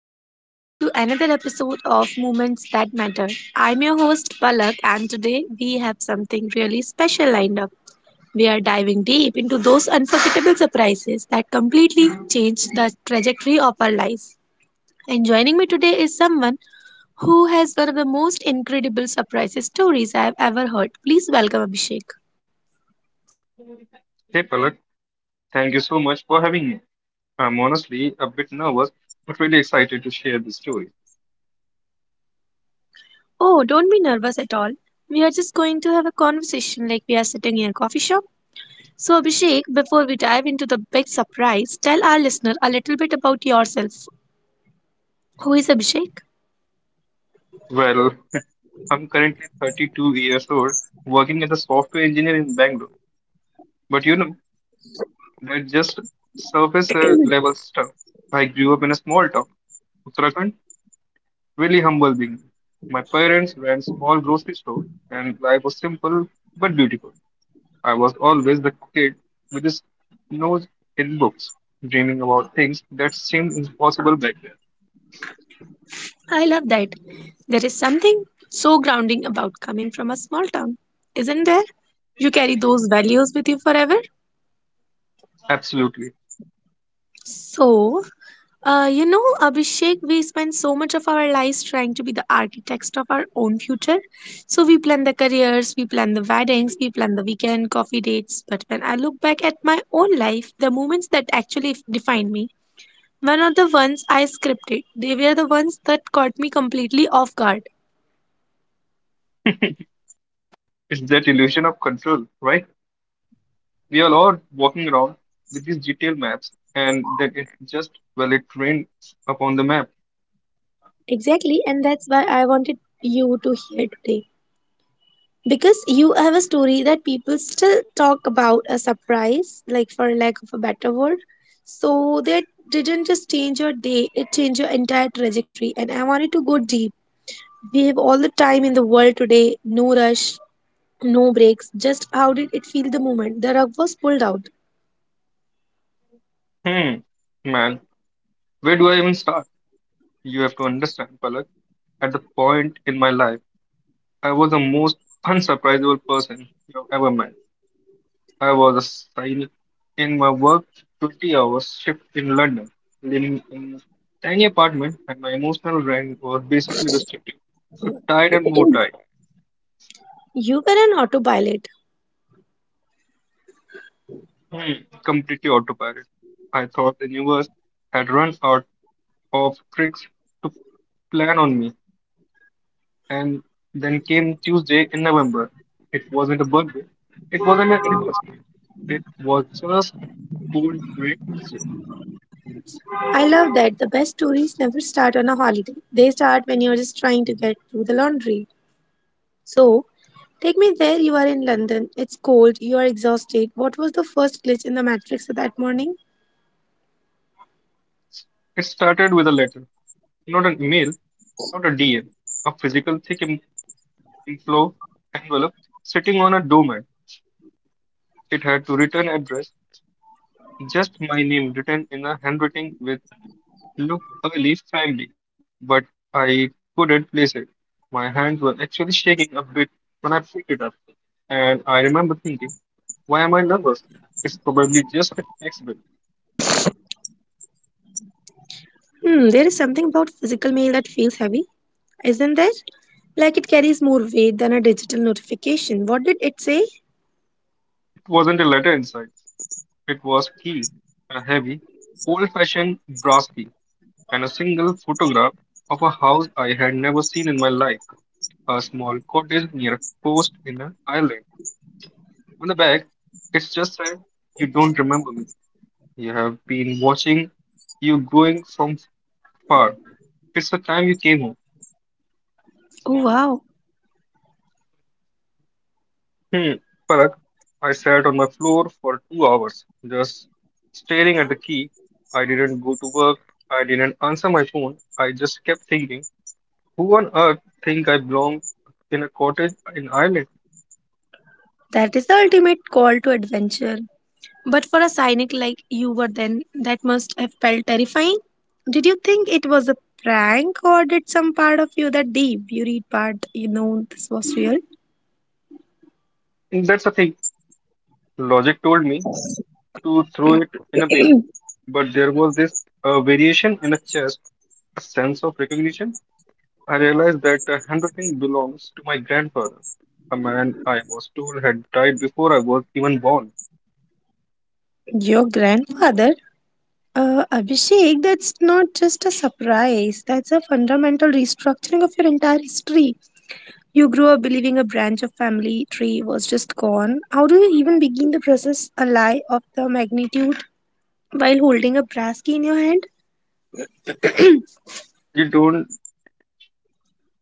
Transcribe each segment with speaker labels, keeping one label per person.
Speaker 1: back everyone to another episode of Moments That Matter. I'm your host Palak and today we have something really special lined up. We are diving deep into those unforgettable surprises that completely change the trajectory of our lives. And joining me today is someone who has one of the most incredible surprises stories I've ever heard. Please welcome Abhishek.
Speaker 2: Hey Palak, thank you so much for having me. I'm honestly a bit nervous, but really excited to share this story.
Speaker 1: Oh, don't be nervous at all. We are just going to have a conversation like we are sitting in a coffee shop. So, Abhishek, before we dive into the big surprise, tell our listener a little bit about yourself. Who is Abhishek?
Speaker 2: Well, I'm currently 32 years old, working as a software engineer in Bangalore. But you know, that's just surface level stuff. I grew up in a small town, Uttarakhand, really humble being. My parents ran small grocery store, and life was simple but beautiful. I was always the kid with his nose in books, dreaming about things that seemed impossible back then.
Speaker 1: I love that. There is something so grounding about coming from a small town, isn't there? You carry those values with you forever.
Speaker 2: Absolutely.
Speaker 1: So, you know, Abhishek, we spend so much of our lives trying to be the architects of our own future. So we plan the careers, we plan the weddings, we plan the weekend coffee dates. But when I look back at my own life, the moments that actually defined me, one of the ones I scripted. They were the ones that caught me completely off guard.
Speaker 2: It's that illusion of control, right? We all are walking around with these detailed maps, and then it just, well, it rained upon the map.
Speaker 1: Exactly, and that's why I wanted you to hear today. Because you have a story that people still talk about a surprise, like for lack of a better word. So that didn't just change your day, it changed your entire trajectory. And I wanted to go deep. We have all the time in the world today, no rush, no breaks. Just how did it feel the moment the rug was pulled out?
Speaker 2: Hmm, man, where do I even start? You have to understand, Palak, at the point in my life, I was the most unsurprisable person you've ever met. I was assigned in my work 20 hours shift in London, living in a tiny apartment, and my emotional range was basically restricted. So tired and more tired.
Speaker 1: You were an autopilot.
Speaker 2: Hmm, completely autopilot. I thought the universe had run out of tricks to plan on me. And then came Tuesday in November. It wasn't a birthday. It wasn't an anniversary. It was just a cold grey Tuesday.
Speaker 1: I love that the best stories never start on a holiday. They start when you're just trying to get through the laundry. So, take me there. You are in London. It's cold. You are exhausted. What was the first glitch in the matrix that morning?
Speaker 2: It started with a letter, not an email, not a DM, a physical thick inflow envelope sitting on a doormat. It had to return address, just my name written in a handwriting with looked a leaf friendly, but I couldn't place it. My hands were actually shaking a bit when I picked it up, and I remember thinking, why am I nervous? It's probably just a tax bill.
Speaker 1: There is something about physical mail that feels heavy, isn't there? Like it carries more weight than a digital notification. What did it say?
Speaker 2: It wasn't a letter inside. It was key, a heavy, old-fashioned brass key, and a single photograph of a house I had never seen in my life, a small cottage near a coast in an island. On the back, it just said, you don't remember me. You have been watching you going from far. It's the time you came home.
Speaker 1: Oh, wow.
Speaker 2: Hmm. Parag, I sat on my floor for 2 hours, just staring at the key. I didn't go to work. I didn't answer my phone. I just kept thinking, who on earth think I belong in a cottage in Ireland?
Speaker 1: That is the ultimate call to adventure. But for a cynic like you were then, that must have felt terrifying. Did you think it was a prank, or did some part of you, that deep, you read part, you know this was real?
Speaker 2: And that's the thing. Logic told me to throw it in a bin. But there was this variation in a chest, a sense of recognition I realized that handwriting belongs to my grandfather, a man I was told had died before I was even born.
Speaker 1: Your grandfather? Abhishek, that's not just a surprise. That's a fundamental restructuring of your entire history. You grew up believing a branch of family tree was just gone. How do you even begin the process, a lie of the magnitude, while holding a brass key in your hand?
Speaker 2: He don't,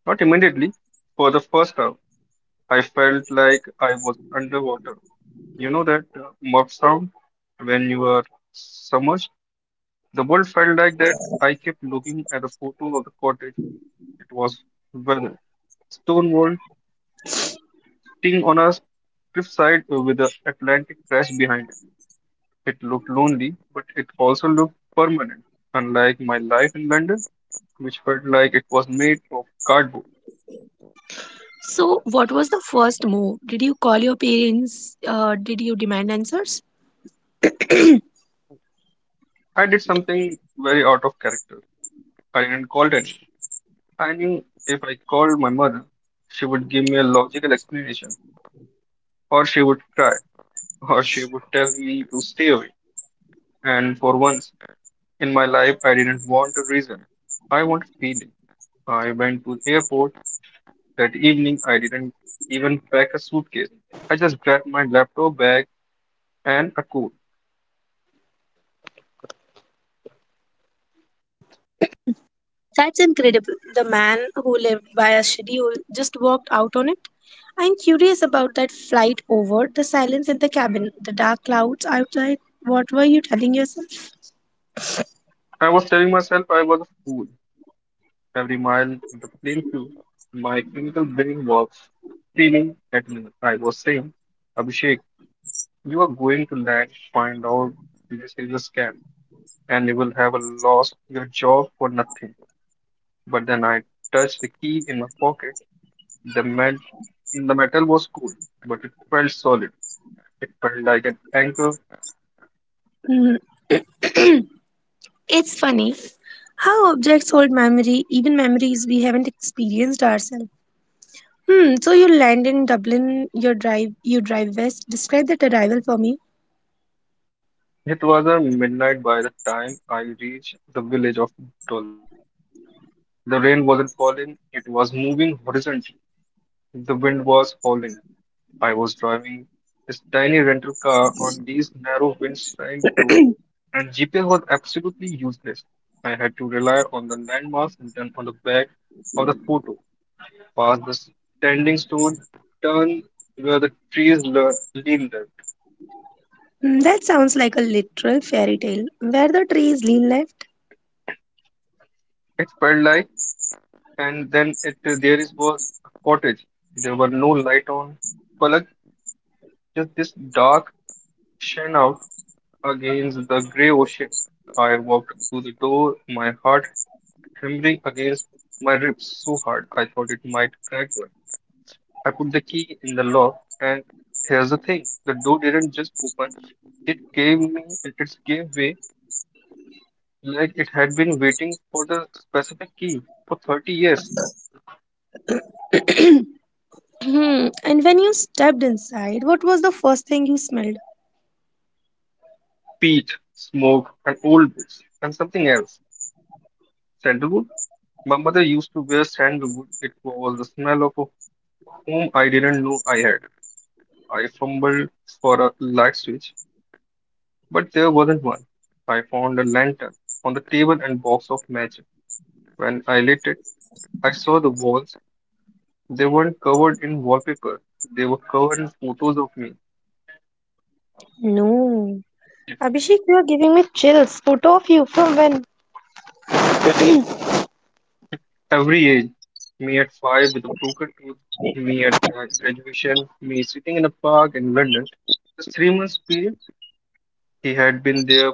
Speaker 2: not immediately. For the first time, I felt like I was underwater. You know that mud sound when you are submerged? The world felt like that. I kept looking at the photo of the cottage. It was weathered, stone wall, sitting on a cliffside with the Atlantic crash behind it. It looked lonely, but it also looked permanent, unlike my life in London, which felt like it was made of cardboard.
Speaker 1: So, what was the first move? Did you call your parents? Did you demand answers?
Speaker 2: I did something very out of character. I didn't call anyone. I knew if I called my mother, she would give me a logical explanation, or she would cry, or she would tell me to stay away. And for once in my life, I didn't want a reason. I wanted feeling. I went to the airport that evening. I didn't even pack a suitcase. I just grabbed my laptop bag and a cool.
Speaker 1: That's incredible. The man who lived by a schedule just walked out on it. I'm curious about that flight over, the silence in the cabin, the dark clouds outside. What were you telling yourself?
Speaker 2: I was telling myself I was a fool. Every mile the plane flew, my clinical brain was screaming at me. I was saying, Abhishek, you are going to land, find out this is a scam, and you will have a lost your job for nothing. But then I touched the key in my pocket. The, metal, the metal was cool, but it felt solid. It felt like an anchor.
Speaker 1: Mm, it's funny. How objects hold memory, even memories we haven't experienced ourselves. So you land in Dublin, you drive west. Describe that arrival for me.
Speaker 2: It was a midnight by the time I reached the village of Dol. The rain wasn't falling, it was moving horizontally. The wind was howling. I was driving this tiny rental car on these narrow windshield doors, and GPS was absolutely useless. I had to rely on the landmarks written on the back of the photo, past the standing stone, turn where the trees leaned left.
Speaker 1: That sounds like a literal fairy tale. Were the trees lean left?
Speaker 2: It felt like, and then it there is was a cottage. There were no light on, but like just this dark shine out against the grey ocean. I walked to the door, my heart hammering against my ribs so hard I thought it might crack one. I put the key in the lock, and here's the thing the door didn't just open, it just gave way like it had been waiting for the specific key for 30 years.
Speaker 1: Hmm. And when you stepped inside, what was the first thing you smelled?
Speaker 2: Peat smoke and old books and something else, sandalwood. My mother used to wear sandalwood. It was the smell of a home I didn't know I had. I fumbled for a light switch, but there wasn't one. I found a lantern on the table and box of matches. When I lit it, I saw the walls. They weren't covered in wallpaper. They were covered in photos of me.
Speaker 1: No. Abhishek, you are giving me chills. Photo of you from when?
Speaker 2: Every age. Me at five with a broken tooth. Me at graduation. Me sitting in a park in London. Just 3 months period. He had been there,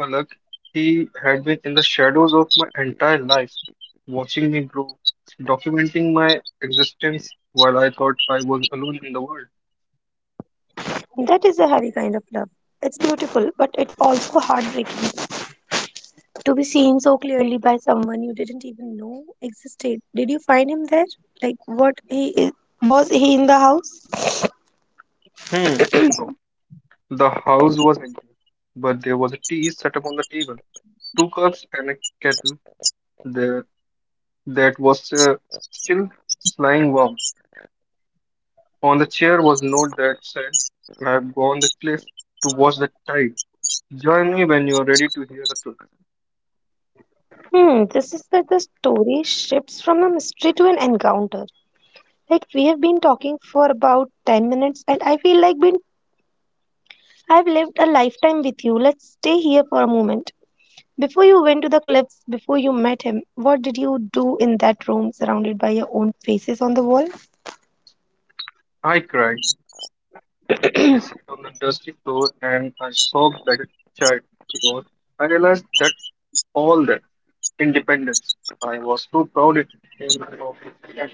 Speaker 2: Palak. He had been in the shadows of my entire life, watching me grow, documenting my existence while I thought I was alone in the world.
Speaker 1: That is a heavy kind of love. It's beautiful, but it's also heartbreaking to be seen so clearly by someone you didn't even know existed. Did you find him there? Like, what he is? Was he in the house?
Speaker 2: Hmm. No. The house was empty, but there was a tea set up on the table, two cups and a kettle there that was still lying warm. On the chair was a note that said, I have gone the cliff to watch the tide. Join me when you are ready to hear the truth.
Speaker 1: This is where the story shifts from a mystery to an encounter. Like we have been talking for about 10 minutes and I feel like been I've lived a lifetime with you. Let's stay here for a moment. Before you went to the cliffs, before you met him, what did you do in that room surrounded by your own faces on the wall?
Speaker 2: I cried. I sat on the dusty floor and I sobbed like a child because I realized that all that independence I was too proud it came of that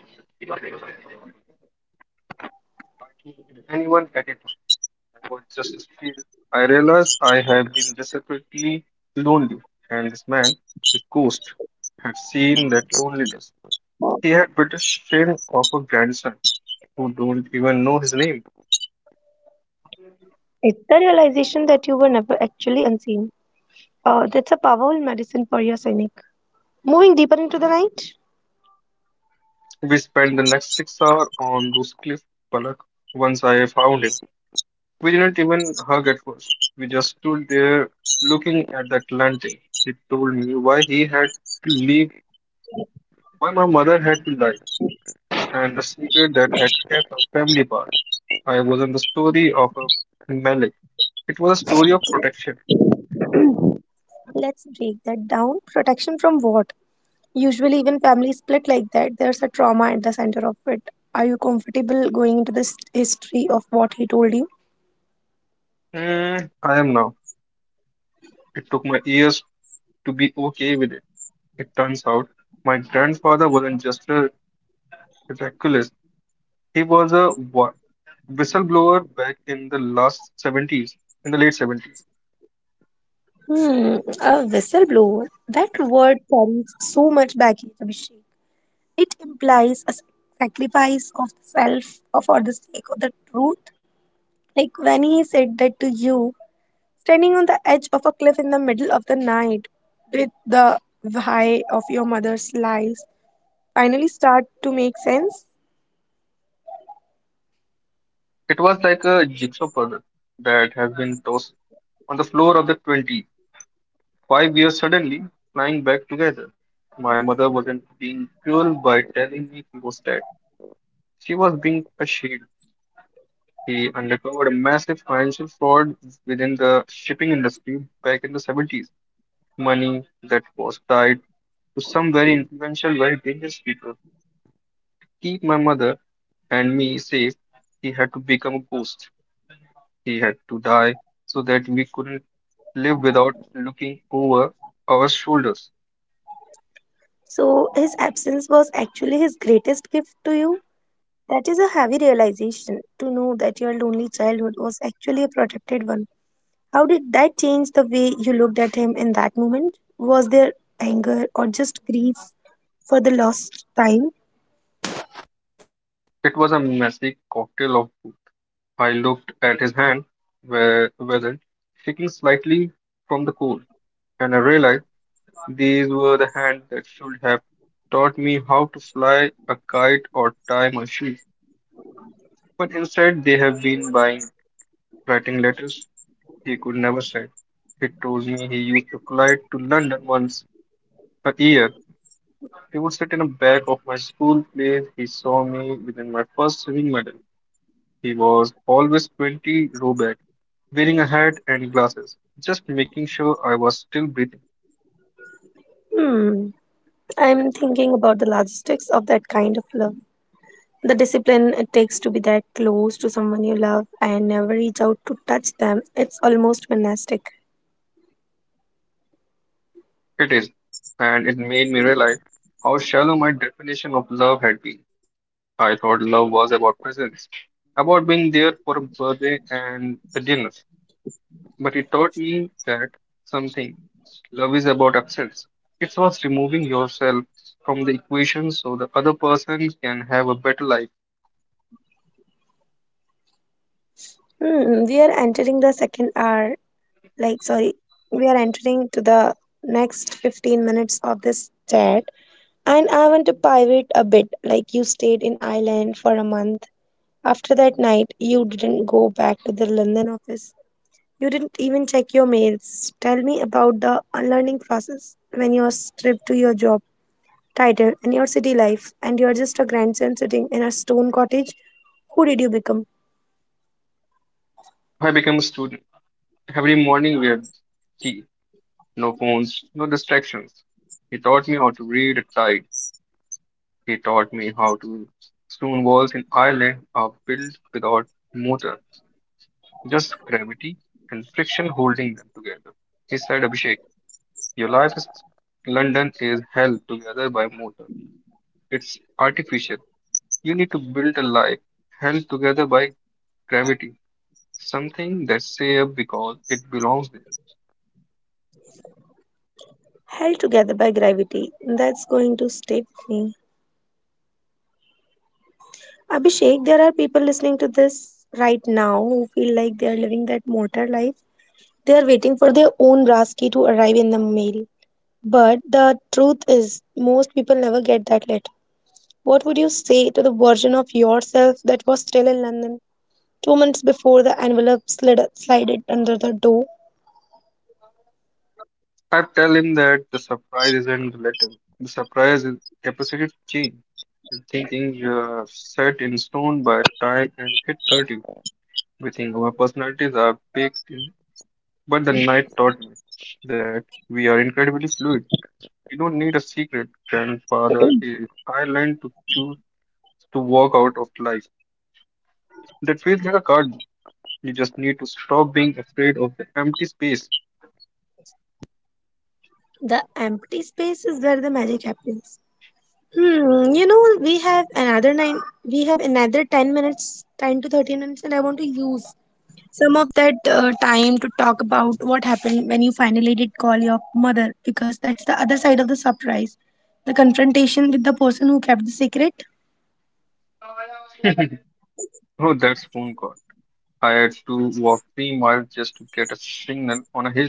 Speaker 2: anyone at it. I was just a kid. I realized I had been desperately lonely, and this man, this ghost, had seen that loneliness. He had British shame of a grandson who don't even know his name.
Speaker 1: It's the realization that you were never actually unseen. That's a powerful medicine for your cynic. Moving deeper into the night,
Speaker 2: We spent the next 6 hours on those cliff Park once I found him. We didn't even hug at first. We just stood there looking at the Atlantic. He told me why he had to leave, why my mother had to die, and the secret that had kept our family apart. I wasn't the story of a Malik. It was a story of protection.
Speaker 1: let's break that down. Protection from what? Usually, even families split like that, there's a trauma at the center of it. Are you comfortable going into this history of what he told you?
Speaker 2: Mm, I am now. It took my years to be okay with it. It turns out my grandfather wasn't just a reckless. He was a warrior whistleblower back in the last 70s, in the late 70s.
Speaker 1: A whistleblower. That word carries so much baggage, Abhishek. It implies a sacrifice of self or for the sake of the truth. Like when he said that to you, standing on the edge of a cliff in the middle of the night, did the why of your mother's lies finally start to make sense?
Speaker 2: It was like a jigsaw puzzle that has been tossed on the floor of the 25 years suddenly flying back together. My mother wasn't being cruel by telling me he was dead. She was being a shield. He uncovered a massive financial fraud within the shipping industry back in the 70s. Money that was tied to some very influential, very dangerous people. Keep my mother and me says he had to become a ghost. He had to die so that we couldn't live without looking over our shoulders.
Speaker 1: So his absence was actually his greatest gift to you. That is a heavy realization to know that your lonely childhood was actually a protected one. How did that change the way you looked at him in that moment? Was there anger or just grief for the lost time?
Speaker 2: It was a messy cocktail of both. I looked at his hand, where weathered, shaking slightly from the cold, and I realized these were the hands that should have taught me how to fly a kite or tie my shoes. But instead, they have been buying writing letters he could never say. He told me he used to fly to London once a year. He would sit in the back of my school place. He saw me within my first swimming medal. He was always 20 row back, wearing a hat and glasses, just making sure I was still breathing.
Speaker 1: Hmm. I'm thinking about the logistics of that kind of love. The discipline it takes to be that close to someone you love and never reach out to touch them. It's almost monastic.
Speaker 2: It is, and it made me realize how shallow my definition of love had been. I thought love was about presence, about being there for a birthday and a dinner. But it taught me that something. Love is about absence. It was removing yourself from the equation so the other person can have a better life.
Speaker 1: We are entering the second hour, like, sorry, we are entering to the next 15 minutes of this chat. And I want to pivot a bit. Like, you stayed in Ireland for a month after that night. You didn't go back to the London office. You didn't even check your mails. Tell me about the unlearning process when you're stripped to your job title and your city life and you're just a grandson sitting in a stone cottage. Who did you become?
Speaker 2: I became a student. Every morning we had tea, no phones, no distractions. He taught me how to read at tide. He taught me how to stone walls in Ireland are built without motor, just gravity and friction holding them together. He said, Abhishek, your life is London is held together by motor. It's artificial. You need to build a life held together by gravity, something that's safe because it belongs there.
Speaker 1: Held together by gravity. That's going to stay with me. Abhishek, there are people listening to this right now who feel like they are living that motor life. They are waiting for their own Raski to arrive in the mail. But the truth is, most people never get that letter. What would you say to the version of yourself that was still in London 2 minutes before the envelope slided under the door?
Speaker 2: I tell him that the surprise isn't the letter, the surprise is capacity to change. And thinking you're set in stone by time and hit 30. We think our personalities are baked in, but the night taught me that we are incredibly fluid. You don't need a secret, grandfather. Is. I learned to choose to walk out of life. That feels like a card. You just need to stop being afraid of the empty space.
Speaker 1: The empty space is where the magic happens. We have another 10 minutes, 10 to 13 minutes, and I want to use some of that time to talk about what happened when you finally did call your mother, because that's the other side of the surprise, the confrontation with the person who kept the secret.
Speaker 2: Oh, that's phone call. I had to walk 3 miles just to get a signal on a hill.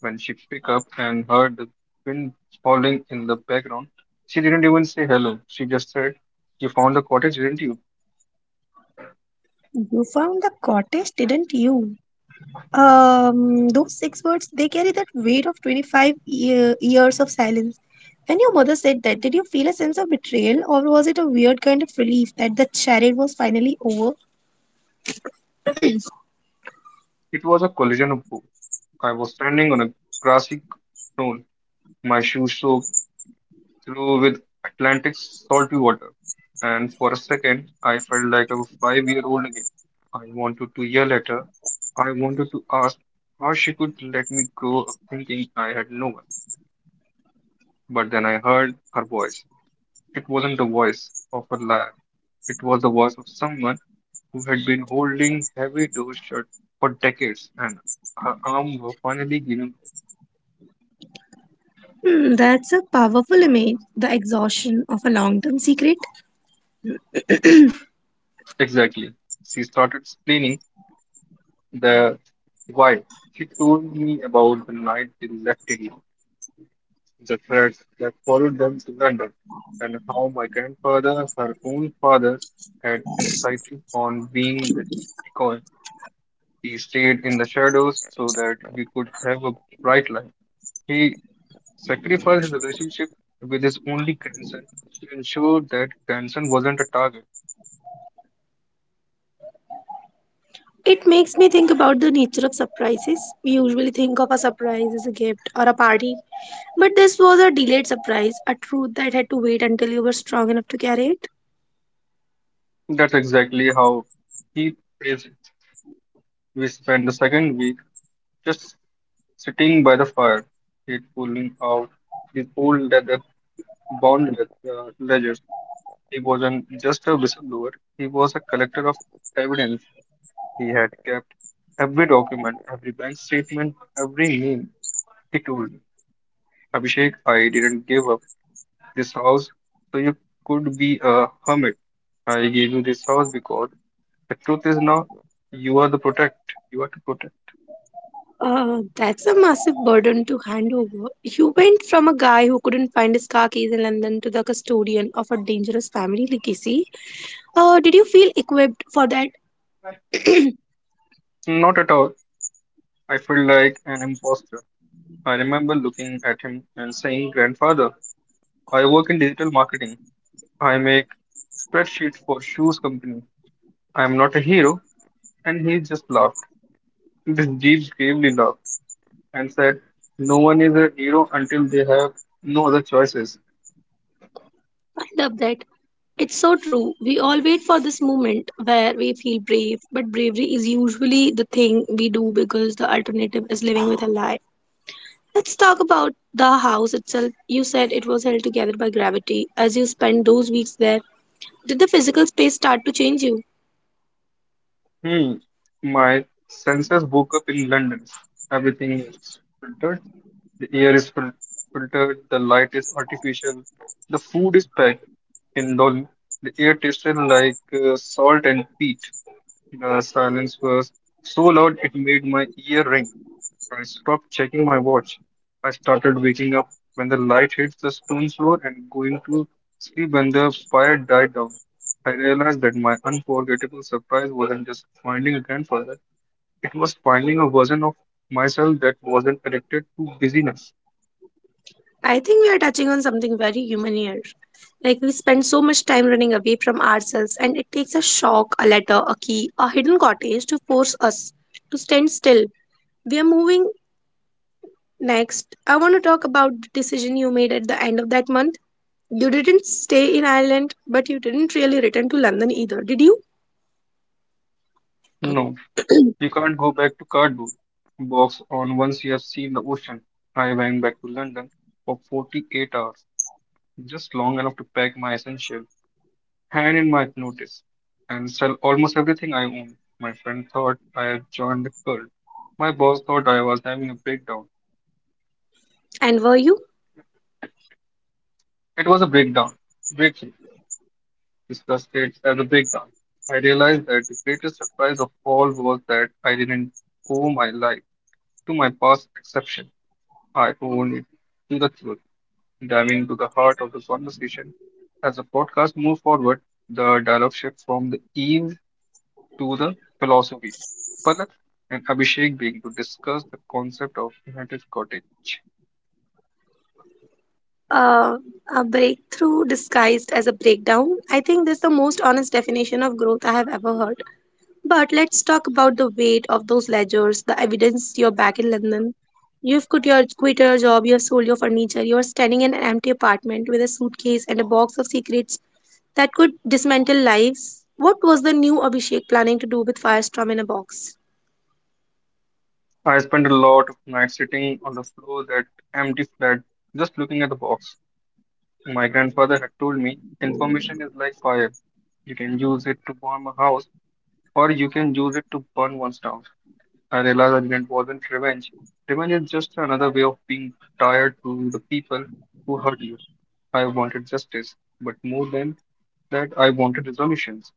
Speaker 2: When she picked up and heard the wind falling in the background, she didn't even say hello. She just said, "You found the cottage, didn't you?"
Speaker 1: You found the cottage, didn't you? Um, those six words, they carry that weight of 25 years of silence. When your mother said that, did you feel a sense of betrayal or was it a weird kind of relief that the charade was finally over?
Speaker 2: It was a collision of both. I was standing on a grassy knoll, my shoes soaked through with Atlantic salty water, and for a second I felt like a 5 year old again. I wanted to yell at her. I wanted to ask how she could let me grow up thinking I had no one. But then I heard her voice. It wasn't the voice of a liar. It was the voice of someone who had been holding heavy doors shut for decades, and her arms were finally giving way.
Speaker 1: That's a powerful image, the exhaustion of a long-term secret.
Speaker 2: Exactly. She started explaining the why. She told me about the night they left India, the threats that followed them to London, and how my grandfather, her own father, had insisted on being with them because he stayed in the shadows so that we could have a bright life. He sacrificed his relationship with his only grandson to ensure that grandson wasn't a target.
Speaker 1: It makes me think about the nature of surprises. We usually think of a surprise as a gift or a party, but this was a delayed surprise, a truth that had to wait until you were strong enough to carry it.
Speaker 2: That's exactly how he plays it. We spent the second week just sitting by the fire, he pulling out his old leather bound ledgers. He wasn't just a whistleblower; he was a collector of evidence. He had kept every document, every bank statement, every name. He told me, "Abhishek, I didn't give up this house so you could be a hermit. I gave you this house because the truth is now you are the protect. You are to protect."
Speaker 1: That's a massive burden to hand over. You went from a guy who couldn't find his car keys in London to the custodian of a dangerous family legacy. Did you feel equipped for that?
Speaker 2: Not at all. I feel like an imposter. I remember looking at him and saying, "Grandfather, I work in digital marketing. I make spreadsheets for shoes company. I am not a hero." And he just laughed. This deep, gravely laughed and said, "No one is a hero until they have no other choices."
Speaker 1: I love that. It's so true. We all wait for this moment where we feel brave, but bravery is usually the thing we do because the alternative is living with a lie. Let's talk about the house itself. You said it was held together by gravity. As you spent those weeks there, did the physical space start to change you?
Speaker 2: Hmm. My senses woke up in London. Everything is filtered. The air is filtered. The light is artificial. The food is packed in London. The air tasted like salt and peat. The silence was so loud it made my ear ring. I stopped checking my watch. I started waking up when the light hit the stone floor and going to sleep when the fire died down. I realized that my unforgettable surprise wasn't just finding a grandfather, it was finding a version of myself that wasn't addicted to busyness.
Speaker 1: I think we are touching on something very human here. Like we spend so much time running away from ourselves, and it takes a shock, a letter, a key, a hidden cottage to force us to stand still. We are moving Next, I want to talk about the decision you made at the end of that month. You didn't stay in Ireland, but you didn't really return to London either, did you?
Speaker 2: No, you can't go back to cardboard box on once you have seen the ocean. I went back to London for 48 hours, just long enough to pack my essentials, hand in my notice and sell almost everything I own. My friend thought I had joined the cult. My boss thought I was having a breakdown.
Speaker 1: And were you?
Speaker 2: It was a breakdown. Breakthrough. Discussed it as a breakdown. I realized that the greatest surprise of all was that I didn't owe my life to my past exception. I owned it to the truth. Diving into the heart of the conversation, as the podcast moved forward, the dialogue shift from the ease to the philosophy. Palak and Abhishek being to discuss the concept of United Cottage.
Speaker 1: Uh, a breakthrough disguised as a breakdown. I think that's the most honest definition of growth I have ever heard. But let's talk about the weight of those ledgers, the evidence you're back in London. You've quit your job, you've sold your furniture, you're standing in an empty apartment with a suitcase and a box of secrets that could dismantle lives. What was the new Abhishek planning to do with Firestorm in a box?
Speaker 2: I spent a lot of nights sitting on the floor that empty flat, just looking at the box. My grandfather had told me information is like fire. You can use it to warm a house or you can use it to burn one's down. I realized that it wasn't revenge. Revenge is just another way of being tired to the people who hurt you. I wanted justice, but more than that, I wanted resolutions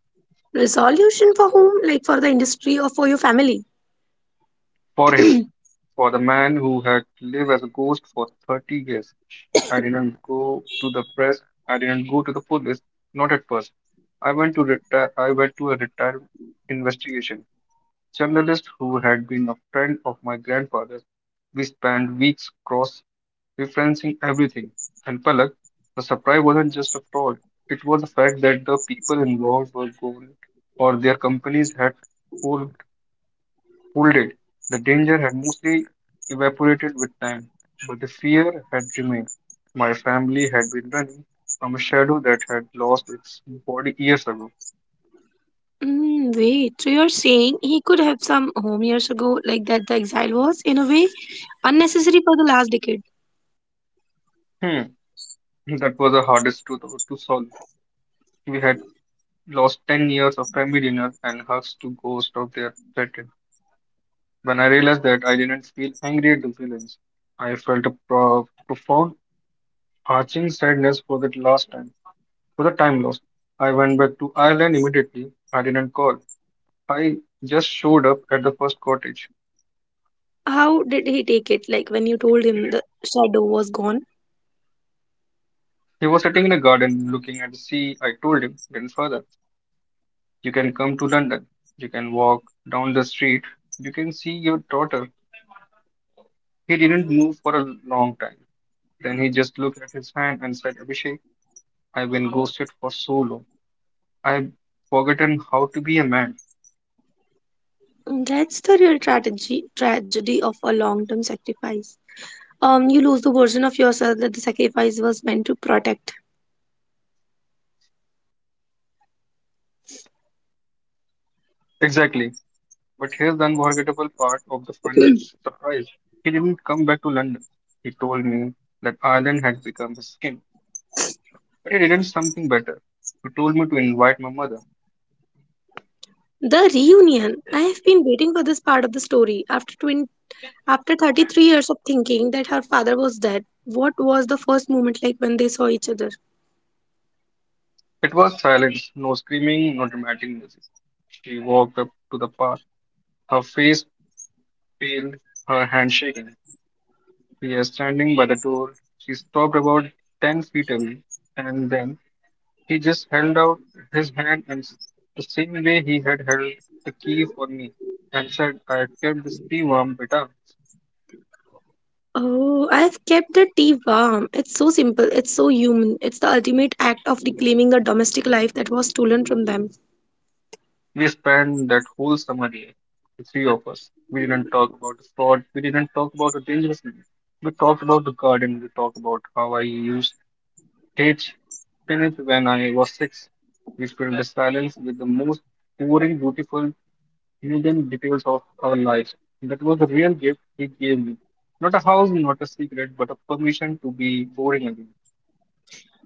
Speaker 1: Resolution for whom? Like for the industry or for your family?
Speaker 2: for him. For the man who had lived as a ghost for 30 years, I didn't go to the press, I didn't go to the police, not at first. I went to retire, I went to a retired investigation journalist who had been a friend of my grandfather's. We spent weeks cross referencing everything. And Palak, the surprise wasn't just a fraud, it was the fact that the people involved were gone or their companies had for folded. The danger had mostly evaporated with time, but the fear had remained. My family had been running from a shadow that had lost its body years ago.
Speaker 1: Wait, so you're saying he could have some home years ago, like that the exile was, in a way, unnecessary for the last decade.
Speaker 2: Hmm, that was the hardest truth to solve. We had lost 10 years of family dinner and hugs to ghosts of their threatened. When I realized that, I didn't feel angry at the villains. I felt a profound, arching sadness for the last time, for the time lost. I went back to Ireland immediately. I didn't call. I just showed up at the first cottage.
Speaker 1: How did he take it, like when you told him the shadow was gone?
Speaker 2: He was sitting in a garden looking at the sea. I told him, "Grandfather, you can come to London. You can walk down the street. You can see your daughter." He didn't move for a long time. Then he just looked at his hand and said, "Abhishek, I've been ghosted for so long. I've forgotten how to be a man."
Speaker 1: That's the real tragedy of a long term sacrifice. You lose the version of yourself that the sacrifice was meant to protect.
Speaker 2: Exactly. But here's the unforgettable part of the final surprise. He didn't come back to London. He told me that Ireland had become his skin. But he did something better. He told me to invite my mother.
Speaker 1: The reunion. I have been waiting for this part of the story. After 33 years of thinking that her father was dead, what was the first moment like when they saw each other?
Speaker 2: It was silence, no screaming, no dramatic music. She walked up to the path, her face pale, her hand shaking. We are standing by the door. She stopped about 10 feet away, and then he just held out his hand and the same way he had held the key for me and said, "I kept this key warm, beta."
Speaker 1: Oh, I have kept the tea warm. It's so simple. It's so human. It's the ultimate act of reclaiming the domestic life that was stolen from them.
Speaker 2: We spent that whole summer there, the three of us. We didn't talk about the sport, we didn't talk about the dangerous man. We talked about the garden, we talked about how I used to teach spinach when I was six. We filled the silence with the most boring, beautiful, hidden details of our lives. That was the real gift he gave me. Not a house, not a secret, but a permission to be boring again.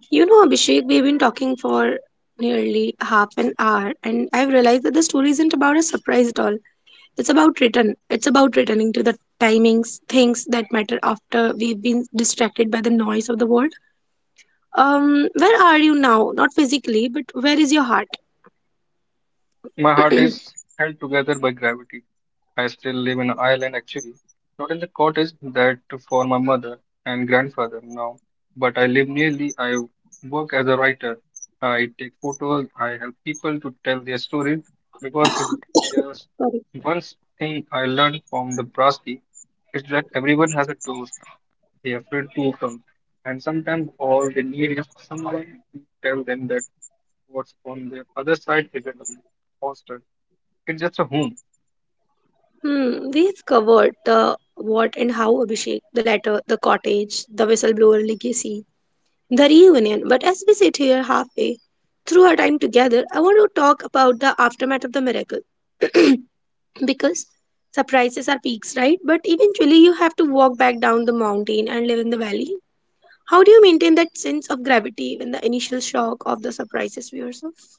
Speaker 1: Abhishek, we've been talking for nearly half an hour, and I've realized that the story isn't about a surprise at all. It's about return. It's about returning to the timings, things that matter after we've been distracted by the noise of the world. Where are you now? Not physically, but where is your heart?
Speaker 2: My heart is held together by gravity. I still live in Ireland, actually, not in the cottage that for my mother and grandfather now, but I live nearly. I work as a writer. I take photos. I help people to tell their story because if there's
Speaker 1: Sorry.
Speaker 2: one thing I learned from the Brasti is that everyone has a door they're afraid to open, and sometimes all they need is someone to tell them that what's on the other side isn't a hostel. It's just a home.
Speaker 1: We've covered the what and how, Abhishek, the letter, the cottage, the whistleblower legacy, the reunion. But as we sit here halfway through our time together, I want to talk about the aftermath of the miracle. Because surprises are peaks, right? But eventually you have to walk back down the mountain and live in the valley. How do you maintain that sense of gravity when the initial shock of the surprises we yourself?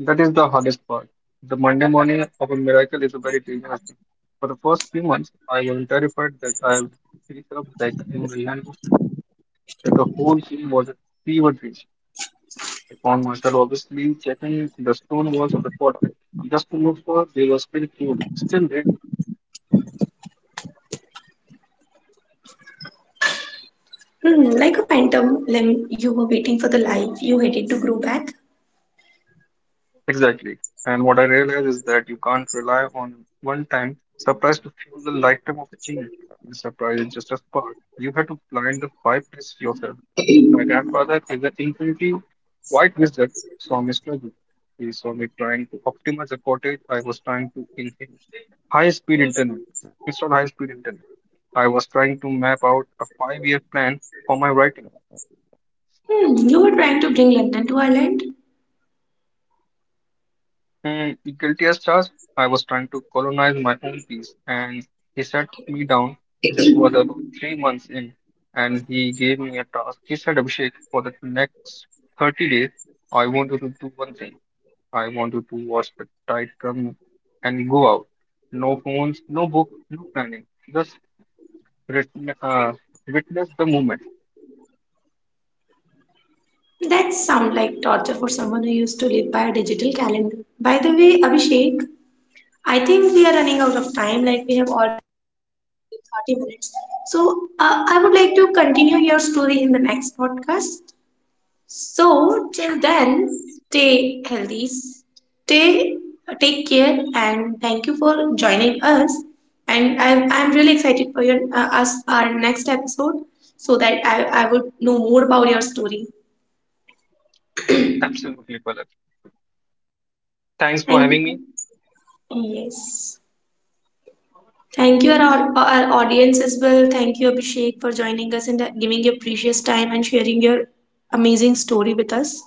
Speaker 2: That is the hardest part. The Monday morning of a miracle is a very dangerous thing. For the first few months, I was terrified that I would wake up like in a land of blood, that the whole thing was a fever dream. I found myself obviously checking the stone walls of the fortress just to look for they were still cool, still there.
Speaker 1: Like a phantom limb, you were waiting for the life you hated to grow back.
Speaker 2: Exactly. And what I realize is that you can't rely on one time surprise to fuel the lifetime of a change. The surprise is just a spark. You have to plant the five test yourself. My grandfather is an infinity white wizard, saw me struggle. He saw me trying to optimize a cottage I was trying to inherit. High speed internet. Install high speed internet. I was trying to map out a 5 year plan for my writing.
Speaker 1: You were trying to bring London to Ireland.
Speaker 2: And guilty as charged, I was trying to colonize my own peace, and he sat me down. This was about three months in, and he gave me a task. He said, "Abhishek, for the next 30 days, I want you to do one thing. I want you to watch the tide come and go out. No phones, no book, no planning. Just writ- uh, witness the moment."
Speaker 1: That sounds like torture for someone who used to live by a digital calendar. By the way, Abhishek, I think we are running out of time, like we have already 30 minutes. So, I would like to continue your story in the next podcast. So till
Speaker 2: Sure,
Speaker 1: then, stay healthy, stay take care, and thank you for joining us. And I'm really excited for your us our next episode, so that I would know more about your story.
Speaker 2: absolutely, Palak. Thanks for having
Speaker 1: Thank
Speaker 2: me.
Speaker 1: you. Yes. Thank you, our audience as well. Thank you, Abhishek, for joining us and giving your precious time and sharing your amazing story with us.